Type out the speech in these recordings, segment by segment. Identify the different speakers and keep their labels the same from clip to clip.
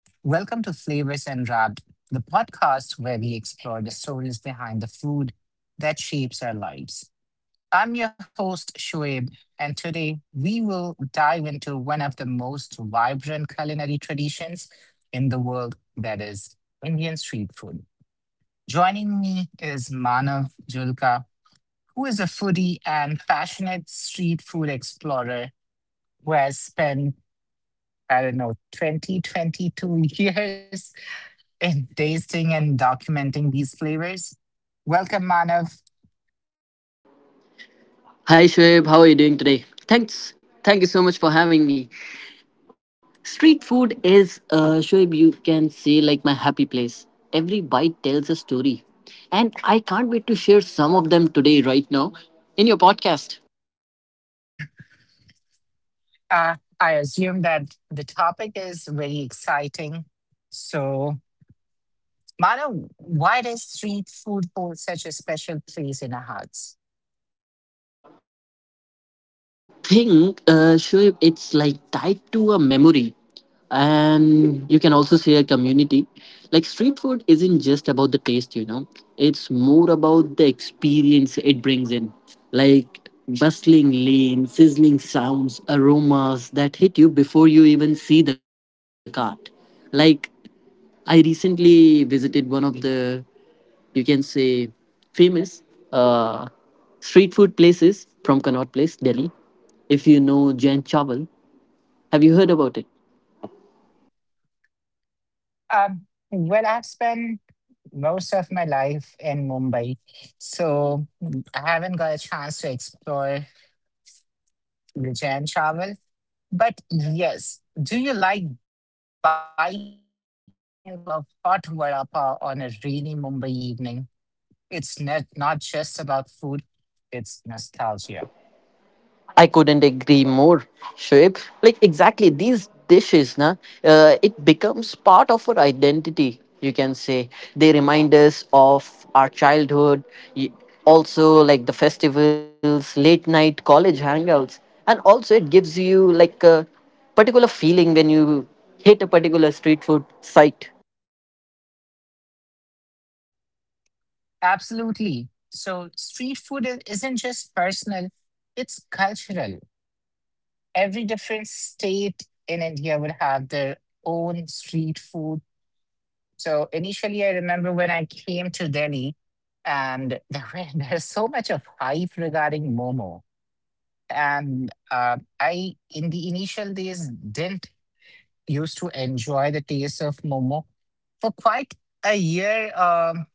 Speaker 1: Hi, welcome to Flavors and Wrapped, the podcast where we explore the stories behind the food that shapes our lives. I'm your host, Shoaib, and today we will dive into one of the most vibrant culinary traditions in world that is Indian street food. Joining me is Manav Julka, who is a foodie and passionate street food explorer who has spent, I don't know, 20, 22 years in tasting and documenting these flavors. Welcome, Manav.
Speaker 2: Hi Shoaib, how are you doing today? Thanks. Thank you so much for having me. Street food is, Shoaib, you can say like my happy place. Every bite tells a story. And I can't wait to share some of them today, right now, in your podcast.
Speaker 1: I assume that the topic is very exciting. So, Manav, why does street food hold such a special place in our hearts?
Speaker 2: I think, Shoaib, it's like tied to a memory. And you can also see a community. Like, street food isn't just about the taste. It's more about the experience it brings in, like bustling lanes, sizzling sounds, aromas that hit you before you even see the cart. Like, I recently visited one of the, you can say, famous, uh, street food places from Connaught Place, Delhi. If you know Jain Chawal, have you heard about it?
Speaker 1: Well, I've spent most of my life in Mumbai, so I haven't got a chance to explore Jain travel. But yes, do you like biting into a hot vada pav on a rainy Mumbai evening? It's not just about food, it's nostalgia.
Speaker 2: I couldn't agree more, Shoaib. Like exactly these dishes, na, it becomes part of our identity. You can say they remind us of our childhood. y- Also, like the festivals, late night college hangouts, and also it gives you like a particular feeling when you hit a particular street food site.
Speaker 1: Absolutely. So street isn't just personal, it's cultural. Every different state in India would have their own street food. So initially I remember when I came to Delhi and there's so much of regarding Momo. And I in the initial days, didn't used to enjoy the taste of momo for quite a year,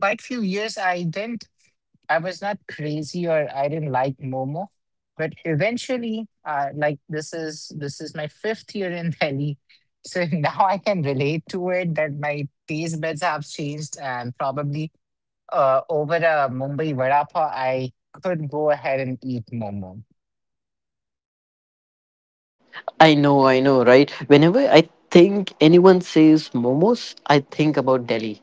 Speaker 1: quite few years. I didn't. I was not crazy or I didn't like momo, but eventually, like this is my fifth year in Delhi, so now I can relate to it that my taste buds have changed and probably over a Mumbai vada pav, I could go ahead and eat momo.
Speaker 2: I know, right? Whenever I think anyone says momos, I think about Delhi.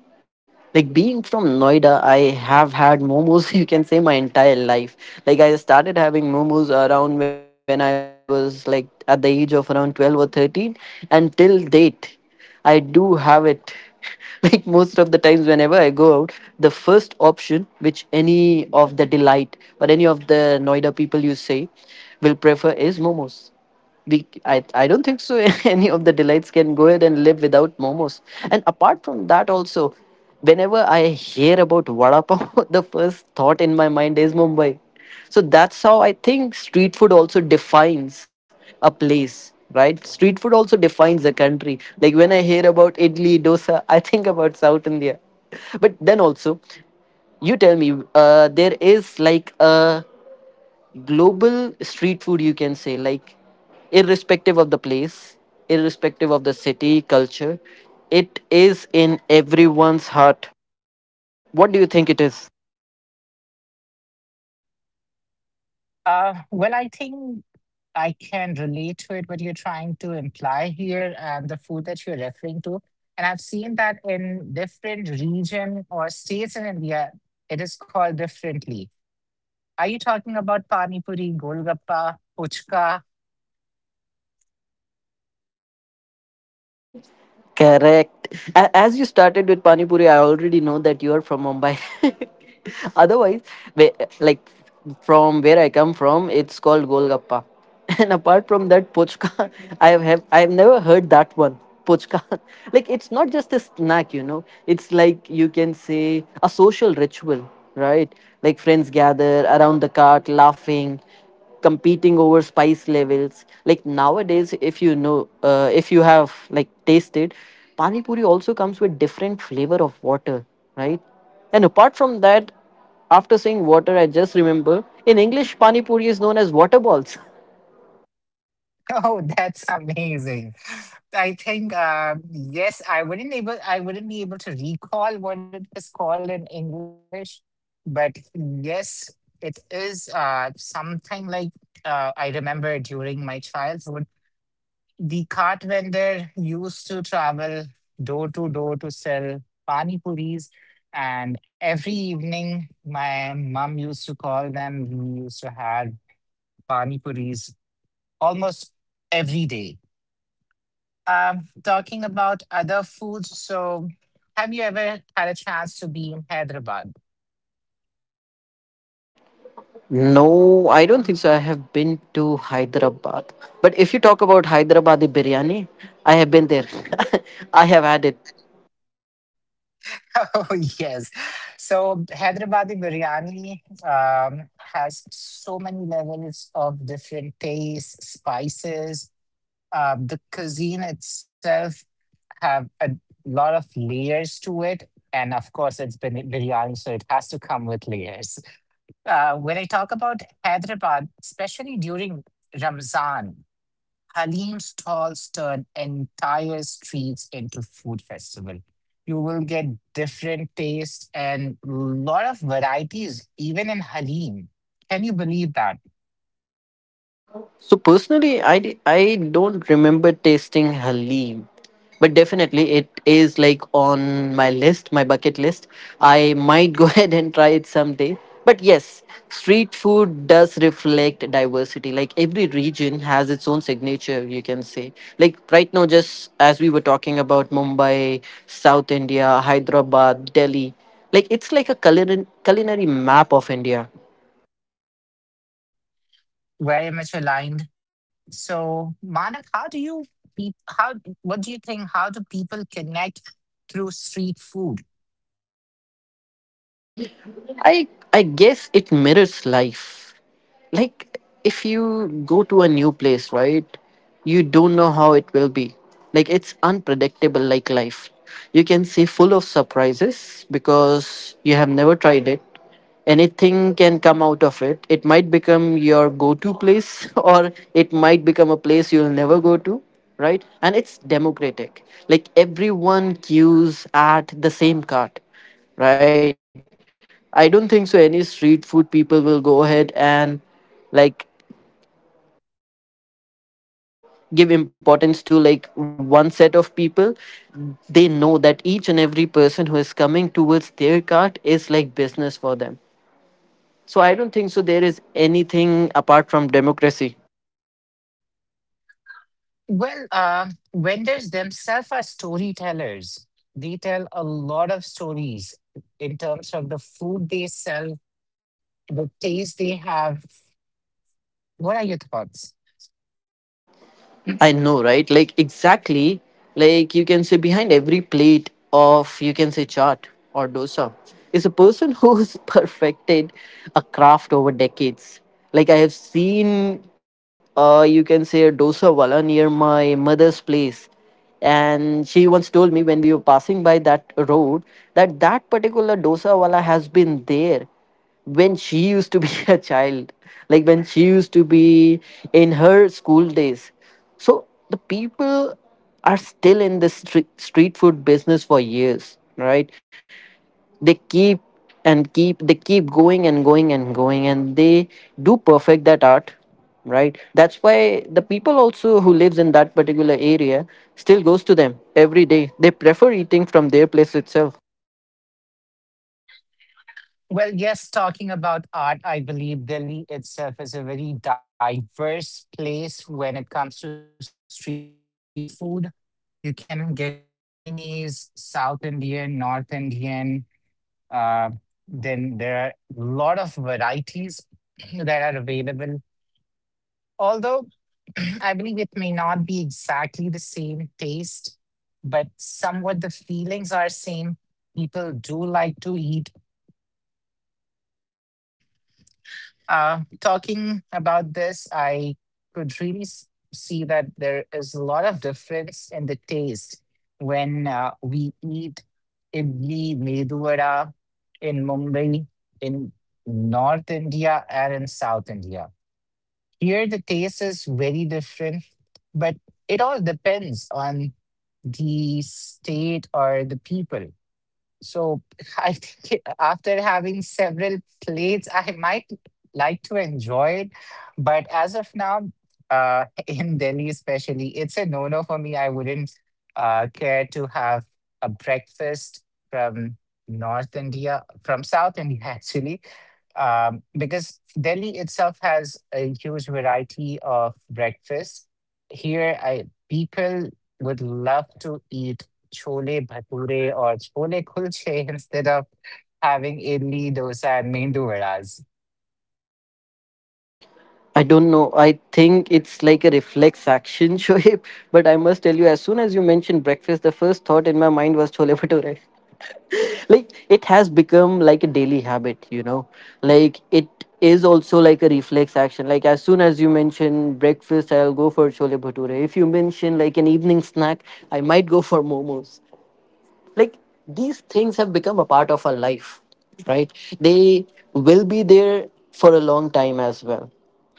Speaker 2: Like being from Noida, I have had momos, you can say, my entire life. Like I started having momos around when I was like at the age of around 12 or 13, and till date, I do have it. Like most of the times, whenever I go out, the first option which any of the delight or any of the Noida people you say will prefer is momos. I don't think so, any of the delights can go ahead and live without momos. And apart from that also, whenever I hear about vada pav, the first thought in my mind is Mumbai. So that's how I think street food also defines a place, right? Street food also defines a country. Like when I hear about idli dosa, I think about South India. But then also, you tell me, there is like a global street food, you can say. Like irrespective of the place, irrespective of the city culture, it is in everyone's heart. What do you think it is?
Speaker 1: Well, I think I can relate to it, what you're trying to imply here, and the food that you're referring to. And I've seen that in different region or states in India, it is called differently. Are you talking about Pani Puri, Golgappa, Puchka?
Speaker 2: Correct. As you started with Pani Puri, I already know that you are from Mumbai. Otherwise, whe- like from where I come from, it's called Golgappa. And apart from that, Puchka, I have I have never heard that one. Puchka. Like it's not just a snack. It's like you can say a social ritual, right? Like friends gather around the cart laughing, competing over spice levels. Like nowadays, if you have like tasted, pani puri also comes with different flavor of water, right? And apart from that, after saying water, I just remember in English, pani puri is known as water balls.
Speaker 1: Oh, that's amazing. I think yes, I wouldn't be able to recall what it is called in English, but yes, it is something like I remember during my childhood, the cart vendor used to travel door to door to sell pani puris, and every evening my mom used to call them. We used to have pani puris almost every day. Talking about other foods, so have you ever had a chance to be in Hyderabad?
Speaker 2: No, I don't think so. I have been to Hyderabad, but if you talk about Hyderabadi biryani, I have been there. I have had it.
Speaker 1: Oh, yes. So Hyderabadi biryani has so many levels of different tastes, spices. The cuisine itself have a lot of layers to it. And of course, it's been biryani, so it has to come with layers. When I talk about Hyderabad, especially during Ramzan, Halim stalls turn entire streets into food festival. You will get different tastes and lot of varieties, even in Halim. Can you believe that?
Speaker 2: So personally, I don't remember tasting Halim, but definitely it is like on my list, my bucket list. I might go ahead and try it someday. But yes, street food does reflect diversity. Like every region has its own signature, you can say. Like right now, just as we were talking about Mumbai, South India, Hyderabad, Delhi, like it's like a culinary map of India.
Speaker 1: Very much aligned. So, Manak, how do you peop how what do you think? How do people connect through street food?
Speaker 2: I I guess it mirrors life. Like if you go to a new place, right, you don't know how it will be. Like it's unpredictable like life, you can say, full of surprises, because you have never tried it. Anything can come out of it. It might become your go-to place, or it might become a place you'll never go to, right? And it's democratic, like everyone queues at the same cart, right? I don't think so any street food people will go ahead and, like, give importance to like one set of people. They know that each and every person who is coming towards their cart is like business for them. So I don't think so there is anything apart from democracy.
Speaker 1: Well, vendors themselves are storytellers. They tell a lot of stories in terms of the food they sell, the taste they have. What are your thoughts?
Speaker 2: I know, right? Like exactly, like you can say behind every plate of, you can say, chaat or dosa, is a person who's perfected a craft over decades. Like I have seen, you can say, a dosa wala near my mother's place, and she once told me when we were passing by that road that that particular dosa wala has been there when she used to be a child, like when she used to be in her school days. So the people are still in the street food business for years, right? They keep and keep, they keep going and going and going, and they do perfect that art, right? That's why the people also who lives in that particular area still goes to them every day. They prefer eating from their place itself.
Speaker 1: Well, yes, talking about art, I believe Delhi itself is a very diverse place when it comes to street food. You can get Chinese, South Indian, North Indian. Uh, then there are a lot of varieties that are available. Although I believe it may not be exactly the same taste, but somewhat the feelings are same. People do like to eat. Talking about this, I could really s- see that there is a lot of difference in the taste when we eat idli, medu vada in Mumbai, in North India, and in South India. Is very different, but it all depends on the state or the people. So I think after having several plates, I might like to enjoy it. But as of now, in Delhi especially, it's a no-no for me. I wouldn't care to have a breakfast from North India, from South India actually. Because Delhi itself has a huge variety of breakfasts. Here, I people would love to eat chole bhature or chole kulche instead of having idli, dosa, and mendu vadas.
Speaker 2: I don't know. I think it's like a reflex action, Shoaib. But I must tell you, as soon as you mentioned breakfast, the first thought in my mind was chole bhature. Like it has become like a daily habit, you know. Like it is also like a reflex action. Like as soon as you mention breakfast, I'll go for chole bhature. If you mention like an evening snack, I might go for momos. Like these things have become a part of our life, right? They will be there for a long time as well.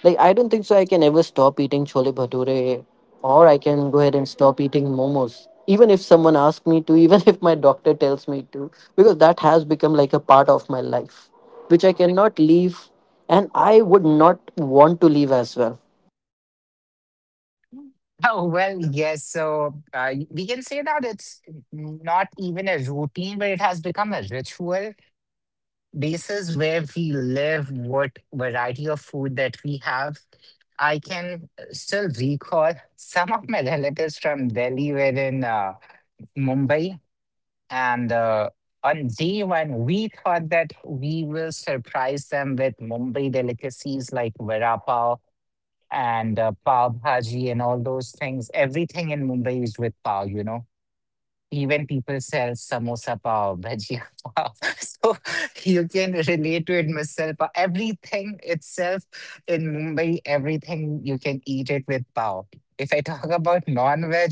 Speaker 2: Like I don't think so I can ever stop eating chole bhature, or I can go ahead and stop eating momos, even if someone asks me to, even if my doctor tells me to, because that has become like a part of my life, which I cannot leave and I would not want to leave as well.
Speaker 1: Oh, well, yes. So we can say that it's not even a routine, but it has become a ritual. This is where we live, what variety of food that we have. I can still recall some of my relatives from Delhi were in Mumbai. And on day one, we thought that we will surprise them with Mumbai delicacies like vada pav and pav bhaji and all those things. Everything in Mumbai is with pav, you know, even people sell samosa pav, bhajia pav. So you can relate to it, misal pav. Everything itself in Mumbai, everything you can eat it with pav. If I talk about non-veg,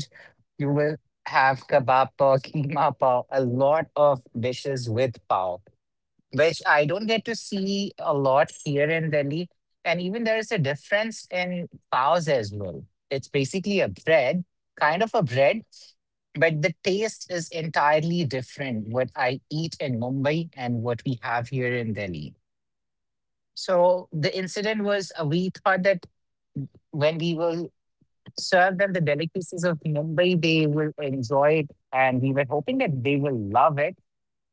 Speaker 1: you will have kebab pav, keema pav, a lot of dishes with pav which I don't get to see a lot here in Delhi. And even there is a difference in paos as well. It's basically a bread, kind of a bread, but the taste is entirely different what I eat in Mumbai and what we have here in Delhi. So the incident was we thought that when we will serve them the delicacies of Mumbai, they will enjoy it. And we were hoping that they will love it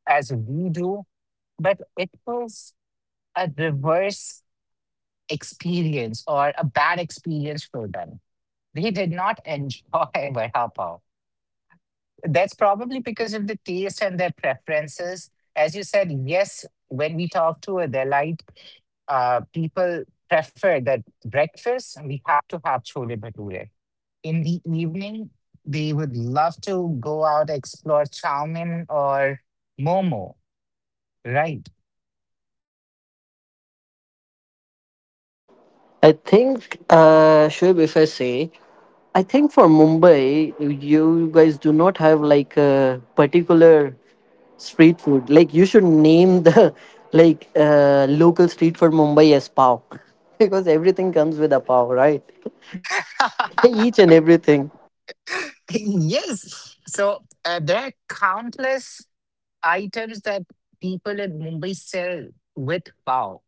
Speaker 1: as we do. But it was a reverse experience or a bad experience for them. They did not enjoy vada pav. That's probably because of the taste and their preferences. As you said, yes, when we talk to a Delite, people prefer that breakfast, we have to have chole bhature. In the evening, they would love to go out, explore chow mein or momo, right?
Speaker 2: I think, Shoaib, if I say, I think for Mumbai, you guys do not have like a particular street food. Like you should name the like, local street for Mumbai as pav, because everything comes with a pav, right? Each and everything.
Speaker 1: Yes. So there are countless items that people in Mumbai sell with pav.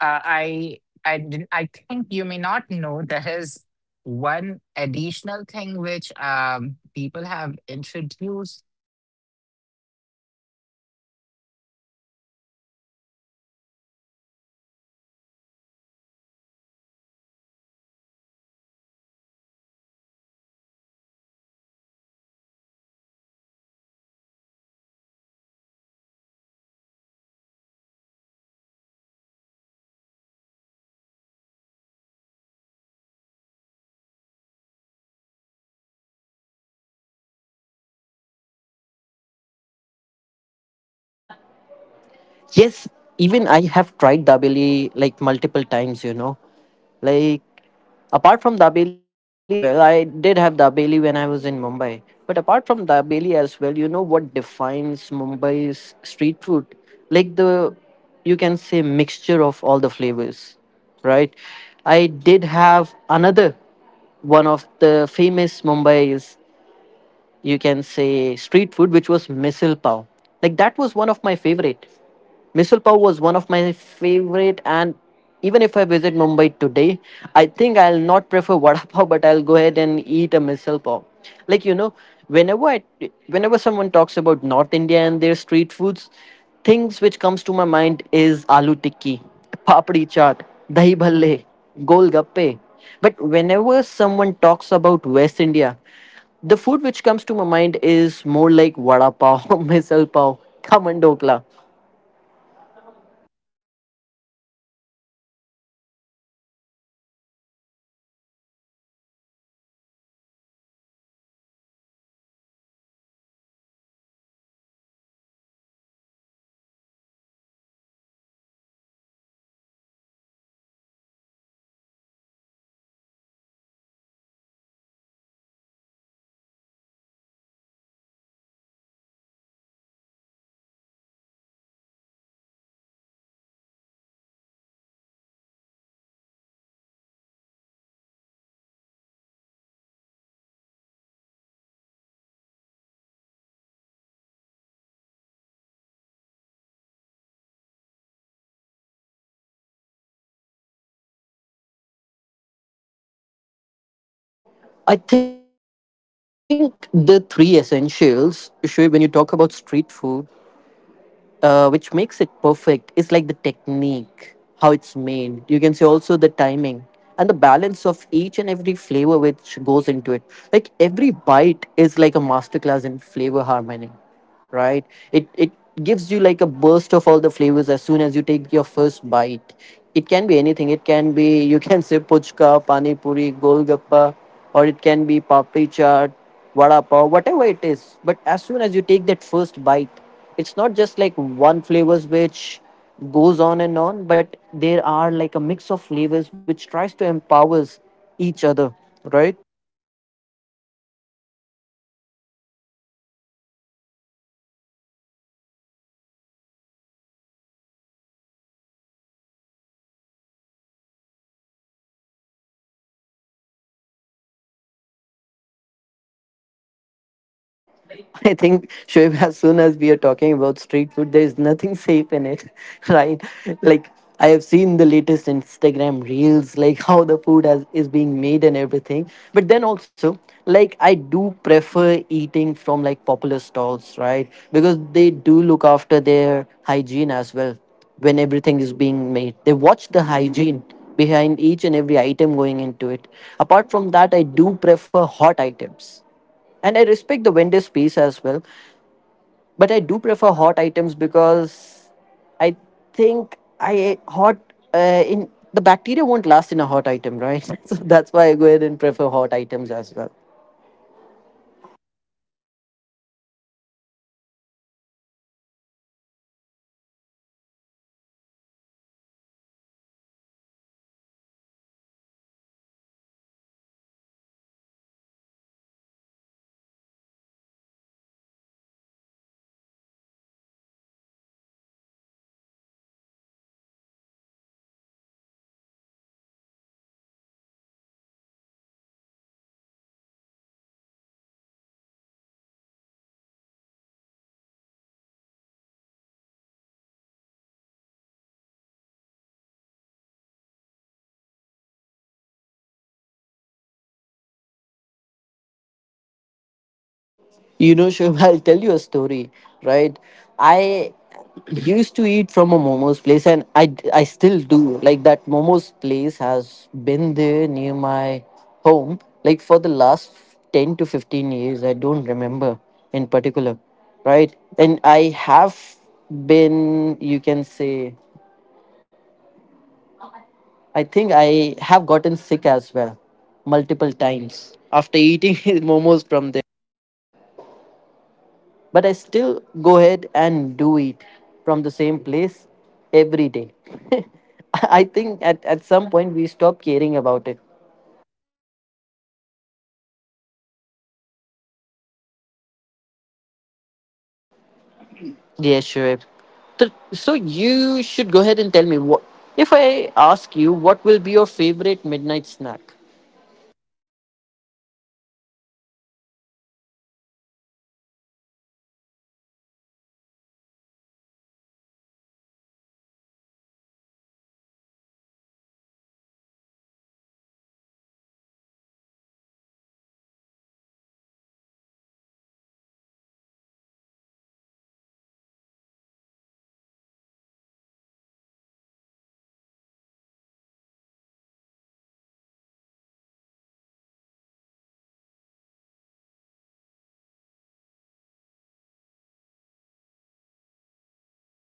Speaker 1: I think you may not know there is one additional thing which people have introduced. I think in maybe 2012 and 13. Prior to that, I haven't heard of that food. Have you heard about dabeli? Kahan tak aaya? Have you heard about the
Speaker 2: Yes, even I have tried dabeli like multiple times. Like apart from dabeli as well, I did have dabeli when I was in Mumbai. But apart from dabeli as well, you know what defines Mumbai's street food? Like the, you can say, mixture of all the flavors, right? I did have another one of the famous Mumbai's, you can say, street food, which was misal pav. Like that was one of my favorite. Misal pav was one of my favorite, and even if I visit Mumbai today, I think I'll not prefer vada pav, but I'll go ahead and eat a misal pav. Like, whenever i whenever someone talks about North India and their street foods, things which comes to my mind is aloo tikki, papdi chaat, dahi bhalle, Golgappe. But whenever someone talks about West India, the food which comes to my mind is more like vada pav, misal pav, khaman dokla.
Speaker 1: Well, yes, of course. You're absolutely right. Um, I missed on all of the Papri chaat, Dahi Bhalla, and Golgappa. We talked about Golgappa and Pani Puris a lot, but yes, Dahi Bhalla Papri chaat is something which even I love. The taste here in Delhi is extremely good. I have explored in different places in Delhi, and I think this is one thing the taste remains constant anywhere. Wherever you try to eat aloo tikki, papri chaat, or dahi bhalla, it is the same taste you will find anywhere in Delhi.
Speaker 2: I think the three essentials, Shoaib, when you talk about street food, which makes it perfect is like the technique, how it's made. You can say also the timing and the balance of each and every flavor which goes into it. Like every bite is like a masterclass in flavor harmony, right? It gives you like a burst of all the flavors as soon as you take your first bite. It can be anything. It can be you can say puchka, pani puri, golgappa, or it can be papri chaat, vada pav, whatever it is. But as soon as you take that first bite, it's not just like one flavors which goes on and on, but there are like a mix of flavors which tries to empowers each other, right?
Speaker 1: So, yes, moving on to our next segment, Manav, what would be your tips for a safe indulgence?
Speaker 2: I think, Shoaib, as soon as we are talking about street food, there is nothing safe in it, right? Like, I have seen the latest Instagram reels, like how the food is being made and everything. But then also, like, I do prefer eating from like popular stalls, right? Because they do look after their hygiene as well when everything is being made. They watch the hygiene behind each and every item going into it. Apart from that, I do prefer hot items and I respect the vendor's piece as well, but I do prefer hot items because I think I hot in the bacteria won't last in a hot item, right? So that's why I go ahead and prefer hot items as well.
Speaker 1: Yes, of course, you're correct. So, we may prefer hot items, and at times it is also about hygiene because nobody would like to have some great food and the taste with their stomach upset. So it is very important, I feel, to look at the hygiene, how they are making it. And yes, to very extent, street food can be risky. So we have to be a bit careful when we try to have foods from street.
Speaker 2: You know, Shubh, I'll tell you a story, right? I used to eat from a momos place, and I still do. Like, that momos place has been there near my home, like, for the last 10 to 15 years. I don't remember in particular, right? And I have been, you can say, I think I have gotten sick as well multiple times after eating momos from there. But I still go ahead and do it from the same place every day. I think at some point we stop caring about it. Yeah, sure. Th- So you should go ahead and tell me what if I ask you what will be your favorite midnight snack?
Speaker 1: Well, my favorite midnight snack when I used to stay in Mumbai at any given point of time, it was vada pav, and even outside the offices, even at three, four, five in the morning, vada pav is something that you will get at any point in time. Apart from that, eventually the eventually people have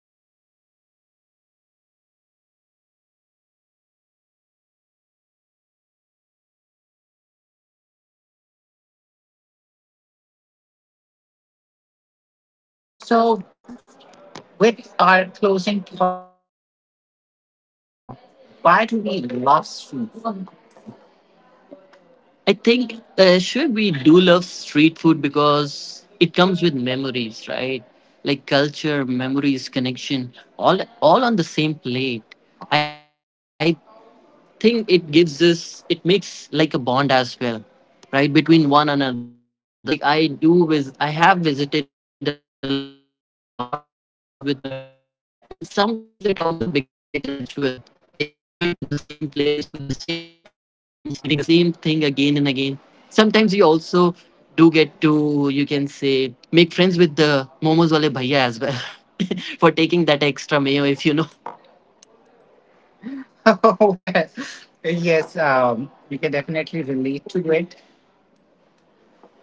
Speaker 1: also liked to had dosas, mendu vadas, idlis in breakfast in Mumbai, followed by, of course, poha, misal pav, and few other street foods.
Speaker 2: So,
Speaker 1: So,
Speaker 2: with our
Speaker 1: with
Speaker 2: closing
Speaker 1: our
Speaker 2: thoughts,
Speaker 1: closing thoughts,
Speaker 2: on a why do
Speaker 1: Manav,
Speaker 2: we love
Speaker 1: why do
Speaker 2: food?
Speaker 1: we love street food?
Speaker 2: I think sure we do love street food because it comes with memories, right? Like culture, memories, connection, all on the same plate. I think it gives us it makes like a bond as well, right, between one another. Like, I do with I have visited a lot of places with my friends, and sometimes it also becomes like a ritual, like going to the same place with the same group of friends, eating the same thing again and again. Sometimes you also do get to, you can say, make friends with the momos wale bhaiya as well for taking that extra mayo, if you know.
Speaker 1: So,
Speaker 2: Well, yes,
Speaker 1: yes,
Speaker 2: we
Speaker 1: we
Speaker 2: can
Speaker 1: can
Speaker 2: definitely
Speaker 1: definitely
Speaker 2: relate
Speaker 1: relate
Speaker 2: to
Speaker 1: to it.
Speaker 2: it.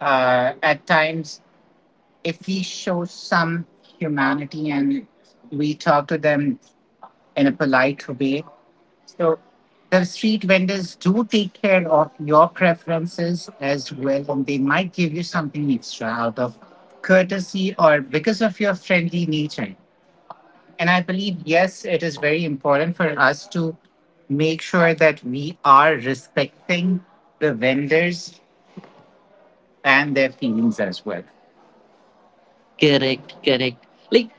Speaker 1: Uh, at
Speaker 2: At times,
Speaker 1: times, if
Speaker 2: if we
Speaker 1: we
Speaker 2: show
Speaker 1: show
Speaker 2: some
Speaker 1: some
Speaker 2: humanity
Speaker 1: humanity
Speaker 2: and
Speaker 1: and
Speaker 2: we
Speaker 1: we
Speaker 2: talk to
Speaker 1: talk to
Speaker 2: them
Speaker 1: them
Speaker 2: in a
Speaker 1: in a
Speaker 2: polite
Speaker 1: polite
Speaker 2: way,
Speaker 1: way.
Speaker 2: so
Speaker 1: So
Speaker 2: the
Speaker 1: the
Speaker 2: street
Speaker 1: street
Speaker 2: vendors do
Speaker 1: vendors do
Speaker 2: take
Speaker 1: take
Speaker 2: care of
Speaker 1: care of
Speaker 2: your
Speaker 1: your
Speaker 2: preferences
Speaker 1: preferences
Speaker 2: as well,
Speaker 1: as
Speaker 2: and they
Speaker 1: well, and
Speaker 2: might
Speaker 1: they
Speaker 2: give you
Speaker 1: might give you
Speaker 2: something extra
Speaker 1: something
Speaker 2: out
Speaker 1: extra
Speaker 2: of
Speaker 1: out of
Speaker 2: courtesy or
Speaker 1: courtesy
Speaker 2: because
Speaker 1: or
Speaker 2: of your
Speaker 1: because of
Speaker 2: friendly
Speaker 1: your
Speaker 2: nature.
Speaker 1: friendly nature.
Speaker 2: And I believe,
Speaker 1: And I
Speaker 2: yes, it
Speaker 1: believe,
Speaker 2: is very
Speaker 1: yes, it is
Speaker 2: important
Speaker 1: very
Speaker 2: for us
Speaker 1: important
Speaker 2: to
Speaker 1: for us to
Speaker 2: make sure that
Speaker 1: make
Speaker 2: we
Speaker 1: sure
Speaker 2: are
Speaker 1: that we are
Speaker 2: respecting the
Speaker 1: respecting the
Speaker 2: vendors
Speaker 1: vendors
Speaker 2: and their feelings
Speaker 1: and
Speaker 2: as
Speaker 1: their
Speaker 2: well.
Speaker 1: feelings as well.
Speaker 2: Correct, correct. Like,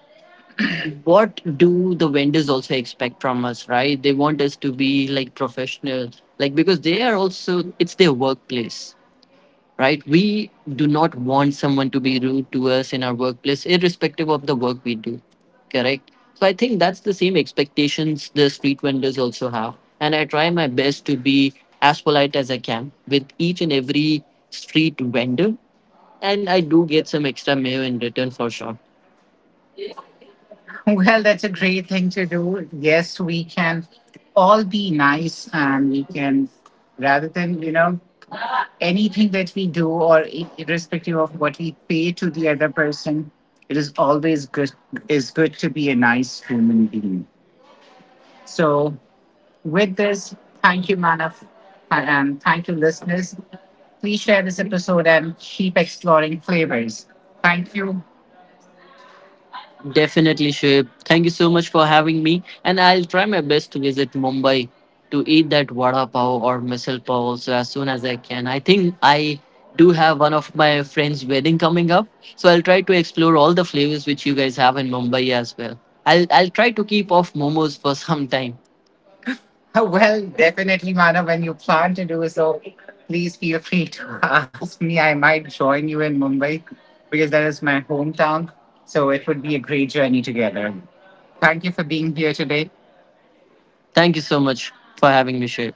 Speaker 2: what do the vendors also expect from us, right? They want us to be like professional, like, because they are also, it's their workplace. Right? We do not want someone to be rude to us in our workplace, irrespective of the work we do, correct? So I think that's the same expectations the street vendors also have. And I try my best to be as polite as I can with each and every street vendor. And I do get some extra mayo in return for sure.
Speaker 1: Well,
Speaker 2: Well,
Speaker 1: that's
Speaker 2: that's a
Speaker 1: a great
Speaker 2: great thing
Speaker 1: thing to
Speaker 2: to
Speaker 1: do.
Speaker 2: do. Yes,
Speaker 1: Yes,
Speaker 2: we
Speaker 1: we can
Speaker 2: can
Speaker 1: all
Speaker 2: all be
Speaker 1: be nice
Speaker 2: nice,
Speaker 1: and
Speaker 2: and we
Speaker 1: we
Speaker 2: can,
Speaker 1: can,
Speaker 2: rather
Speaker 1: rather than,
Speaker 2: than,
Speaker 1: you
Speaker 2: you
Speaker 1: know,
Speaker 2: know, anything
Speaker 1: anything that
Speaker 2: that we
Speaker 1: we do
Speaker 2: do or
Speaker 1: or
Speaker 2: irrespective
Speaker 1: irrespective of
Speaker 2: of what
Speaker 1: what
Speaker 2: we
Speaker 1: we
Speaker 2: pay
Speaker 1: pay
Speaker 2: to
Speaker 1: to
Speaker 2: the
Speaker 1: the
Speaker 2: other
Speaker 1: other person,
Speaker 2: person, it
Speaker 1: it
Speaker 2: is
Speaker 1: is
Speaker 2: always
Speaker 1: always good,
Speaker 2: good, is
Speaker 1: is
Speaker 2: good
Speaker 1: good
Speaker 2: to
Speaker 1: to
Speaker 2: be
Speaker 1: be
Speaker 2: a
Speaker 1: a
Speaker 2: nice
Speaker 1: nice
Speaker 2: human
Speaker 1: human
Speaker 2: being.
Speaker 1: being.
Speaker 2: So
Speaker 1: So
Speaker 2: with
Speaker 1: with
Speaker 2: this,
Speaker 1: this,
Speaker 2: thank
Speaker 1: thank
Speaker 2: you,
Speaker 1: you, Manav,
Speaker 2: Manav,
Speaker 1: and
Speaker 2: and thank
Speaker 1: thank
Speaker 2: you,
Speaker 1: you,
Speaker 2: listeners.
Speaker 1: listeners.
Speaker 2: Please
Speaker 1: Please
Speaker 2: share
Speaker 1: share
Speaker 2: this
Speaker 1: this
Speaker 2: episode
Speaker 1: episode
Speaker 2: and
Speaker 1: and
Speaker 2: keep
Speaker 1: keep
Speaker 2: exploring
Speaker 1: exploring
Speaker 2: flavors.
Speaker 1: flavors. Thank
Speaker 2: Thank
Speaker 1: you.
Speaker 2: you. Definitely, Shoaib. Thank you so much for having me. And I'll try my best to visit Mumbai to eat that vada pav or misal pav also as soon as I can. I think I do have one of my friends' wedding coming up, so I'll try to explore all the flavors which you guys have in Mumbai as well. I'll try to keep off momos for some time. Well,
Speaker 1: Well,
Speaker 2: definitely,
Speaker 1: definitely,
Speaker 2: Mana,
Speaker 1: Manav.
Speaker 2: when
Speaker 1: When
Speaker 2: you
Speaker 1: you
Speaker 2: plan
Speaker 1: plan
Speaker 2: to
Speaker 1: to do
Speaker 2: do
Speaker 1: so,
Speaker 2: so, please
Speaker 1: please
Speaker 2: feel
Speaker 1: feel
Speaker 2: free
Speaker 1: free to
Speaker 2: to ask
Speaker 1: ask
Speaker 2: me.
Speaker 1: me. I
Speaker 2: I
Speaker 1: might
Speaker 2: might join
Speaker 1: join
Speaker 2: you
Speaker 1: you
Speaker 2: in
Speaker 1: in
Speaker 2: Mumbai
Speaker 1: Mumbai because
Speaker 2: because
Speaker 1: that
Speaker 2: that
Speaker 1: is
Speaker 2: is my
Speaker 1: my hometown.
Speaker 2: hometown.
Speaker 1: So
Speaker 2: So it
Speaker 1: it would
Speaker 2: would
Speaker 1: be
Speaker 2: be
Speaker 1: a
Speaker 2: a
Speaker 1: great
Speaker 2: great
Speaker 1: journey
Speaker 2: journey
Speaker 1: together.
Speaker 2: together. Thank
Speaker 1: Thank
Speaker 2: you
Speaker 1: you
Speaker 2: for
Speaker 1: for being
Speaker 2: being here
Speaker 1: here
Speaker 2: today.
Speaker 1: today.
Speaker 2: Thank you so much for having me, Shreya.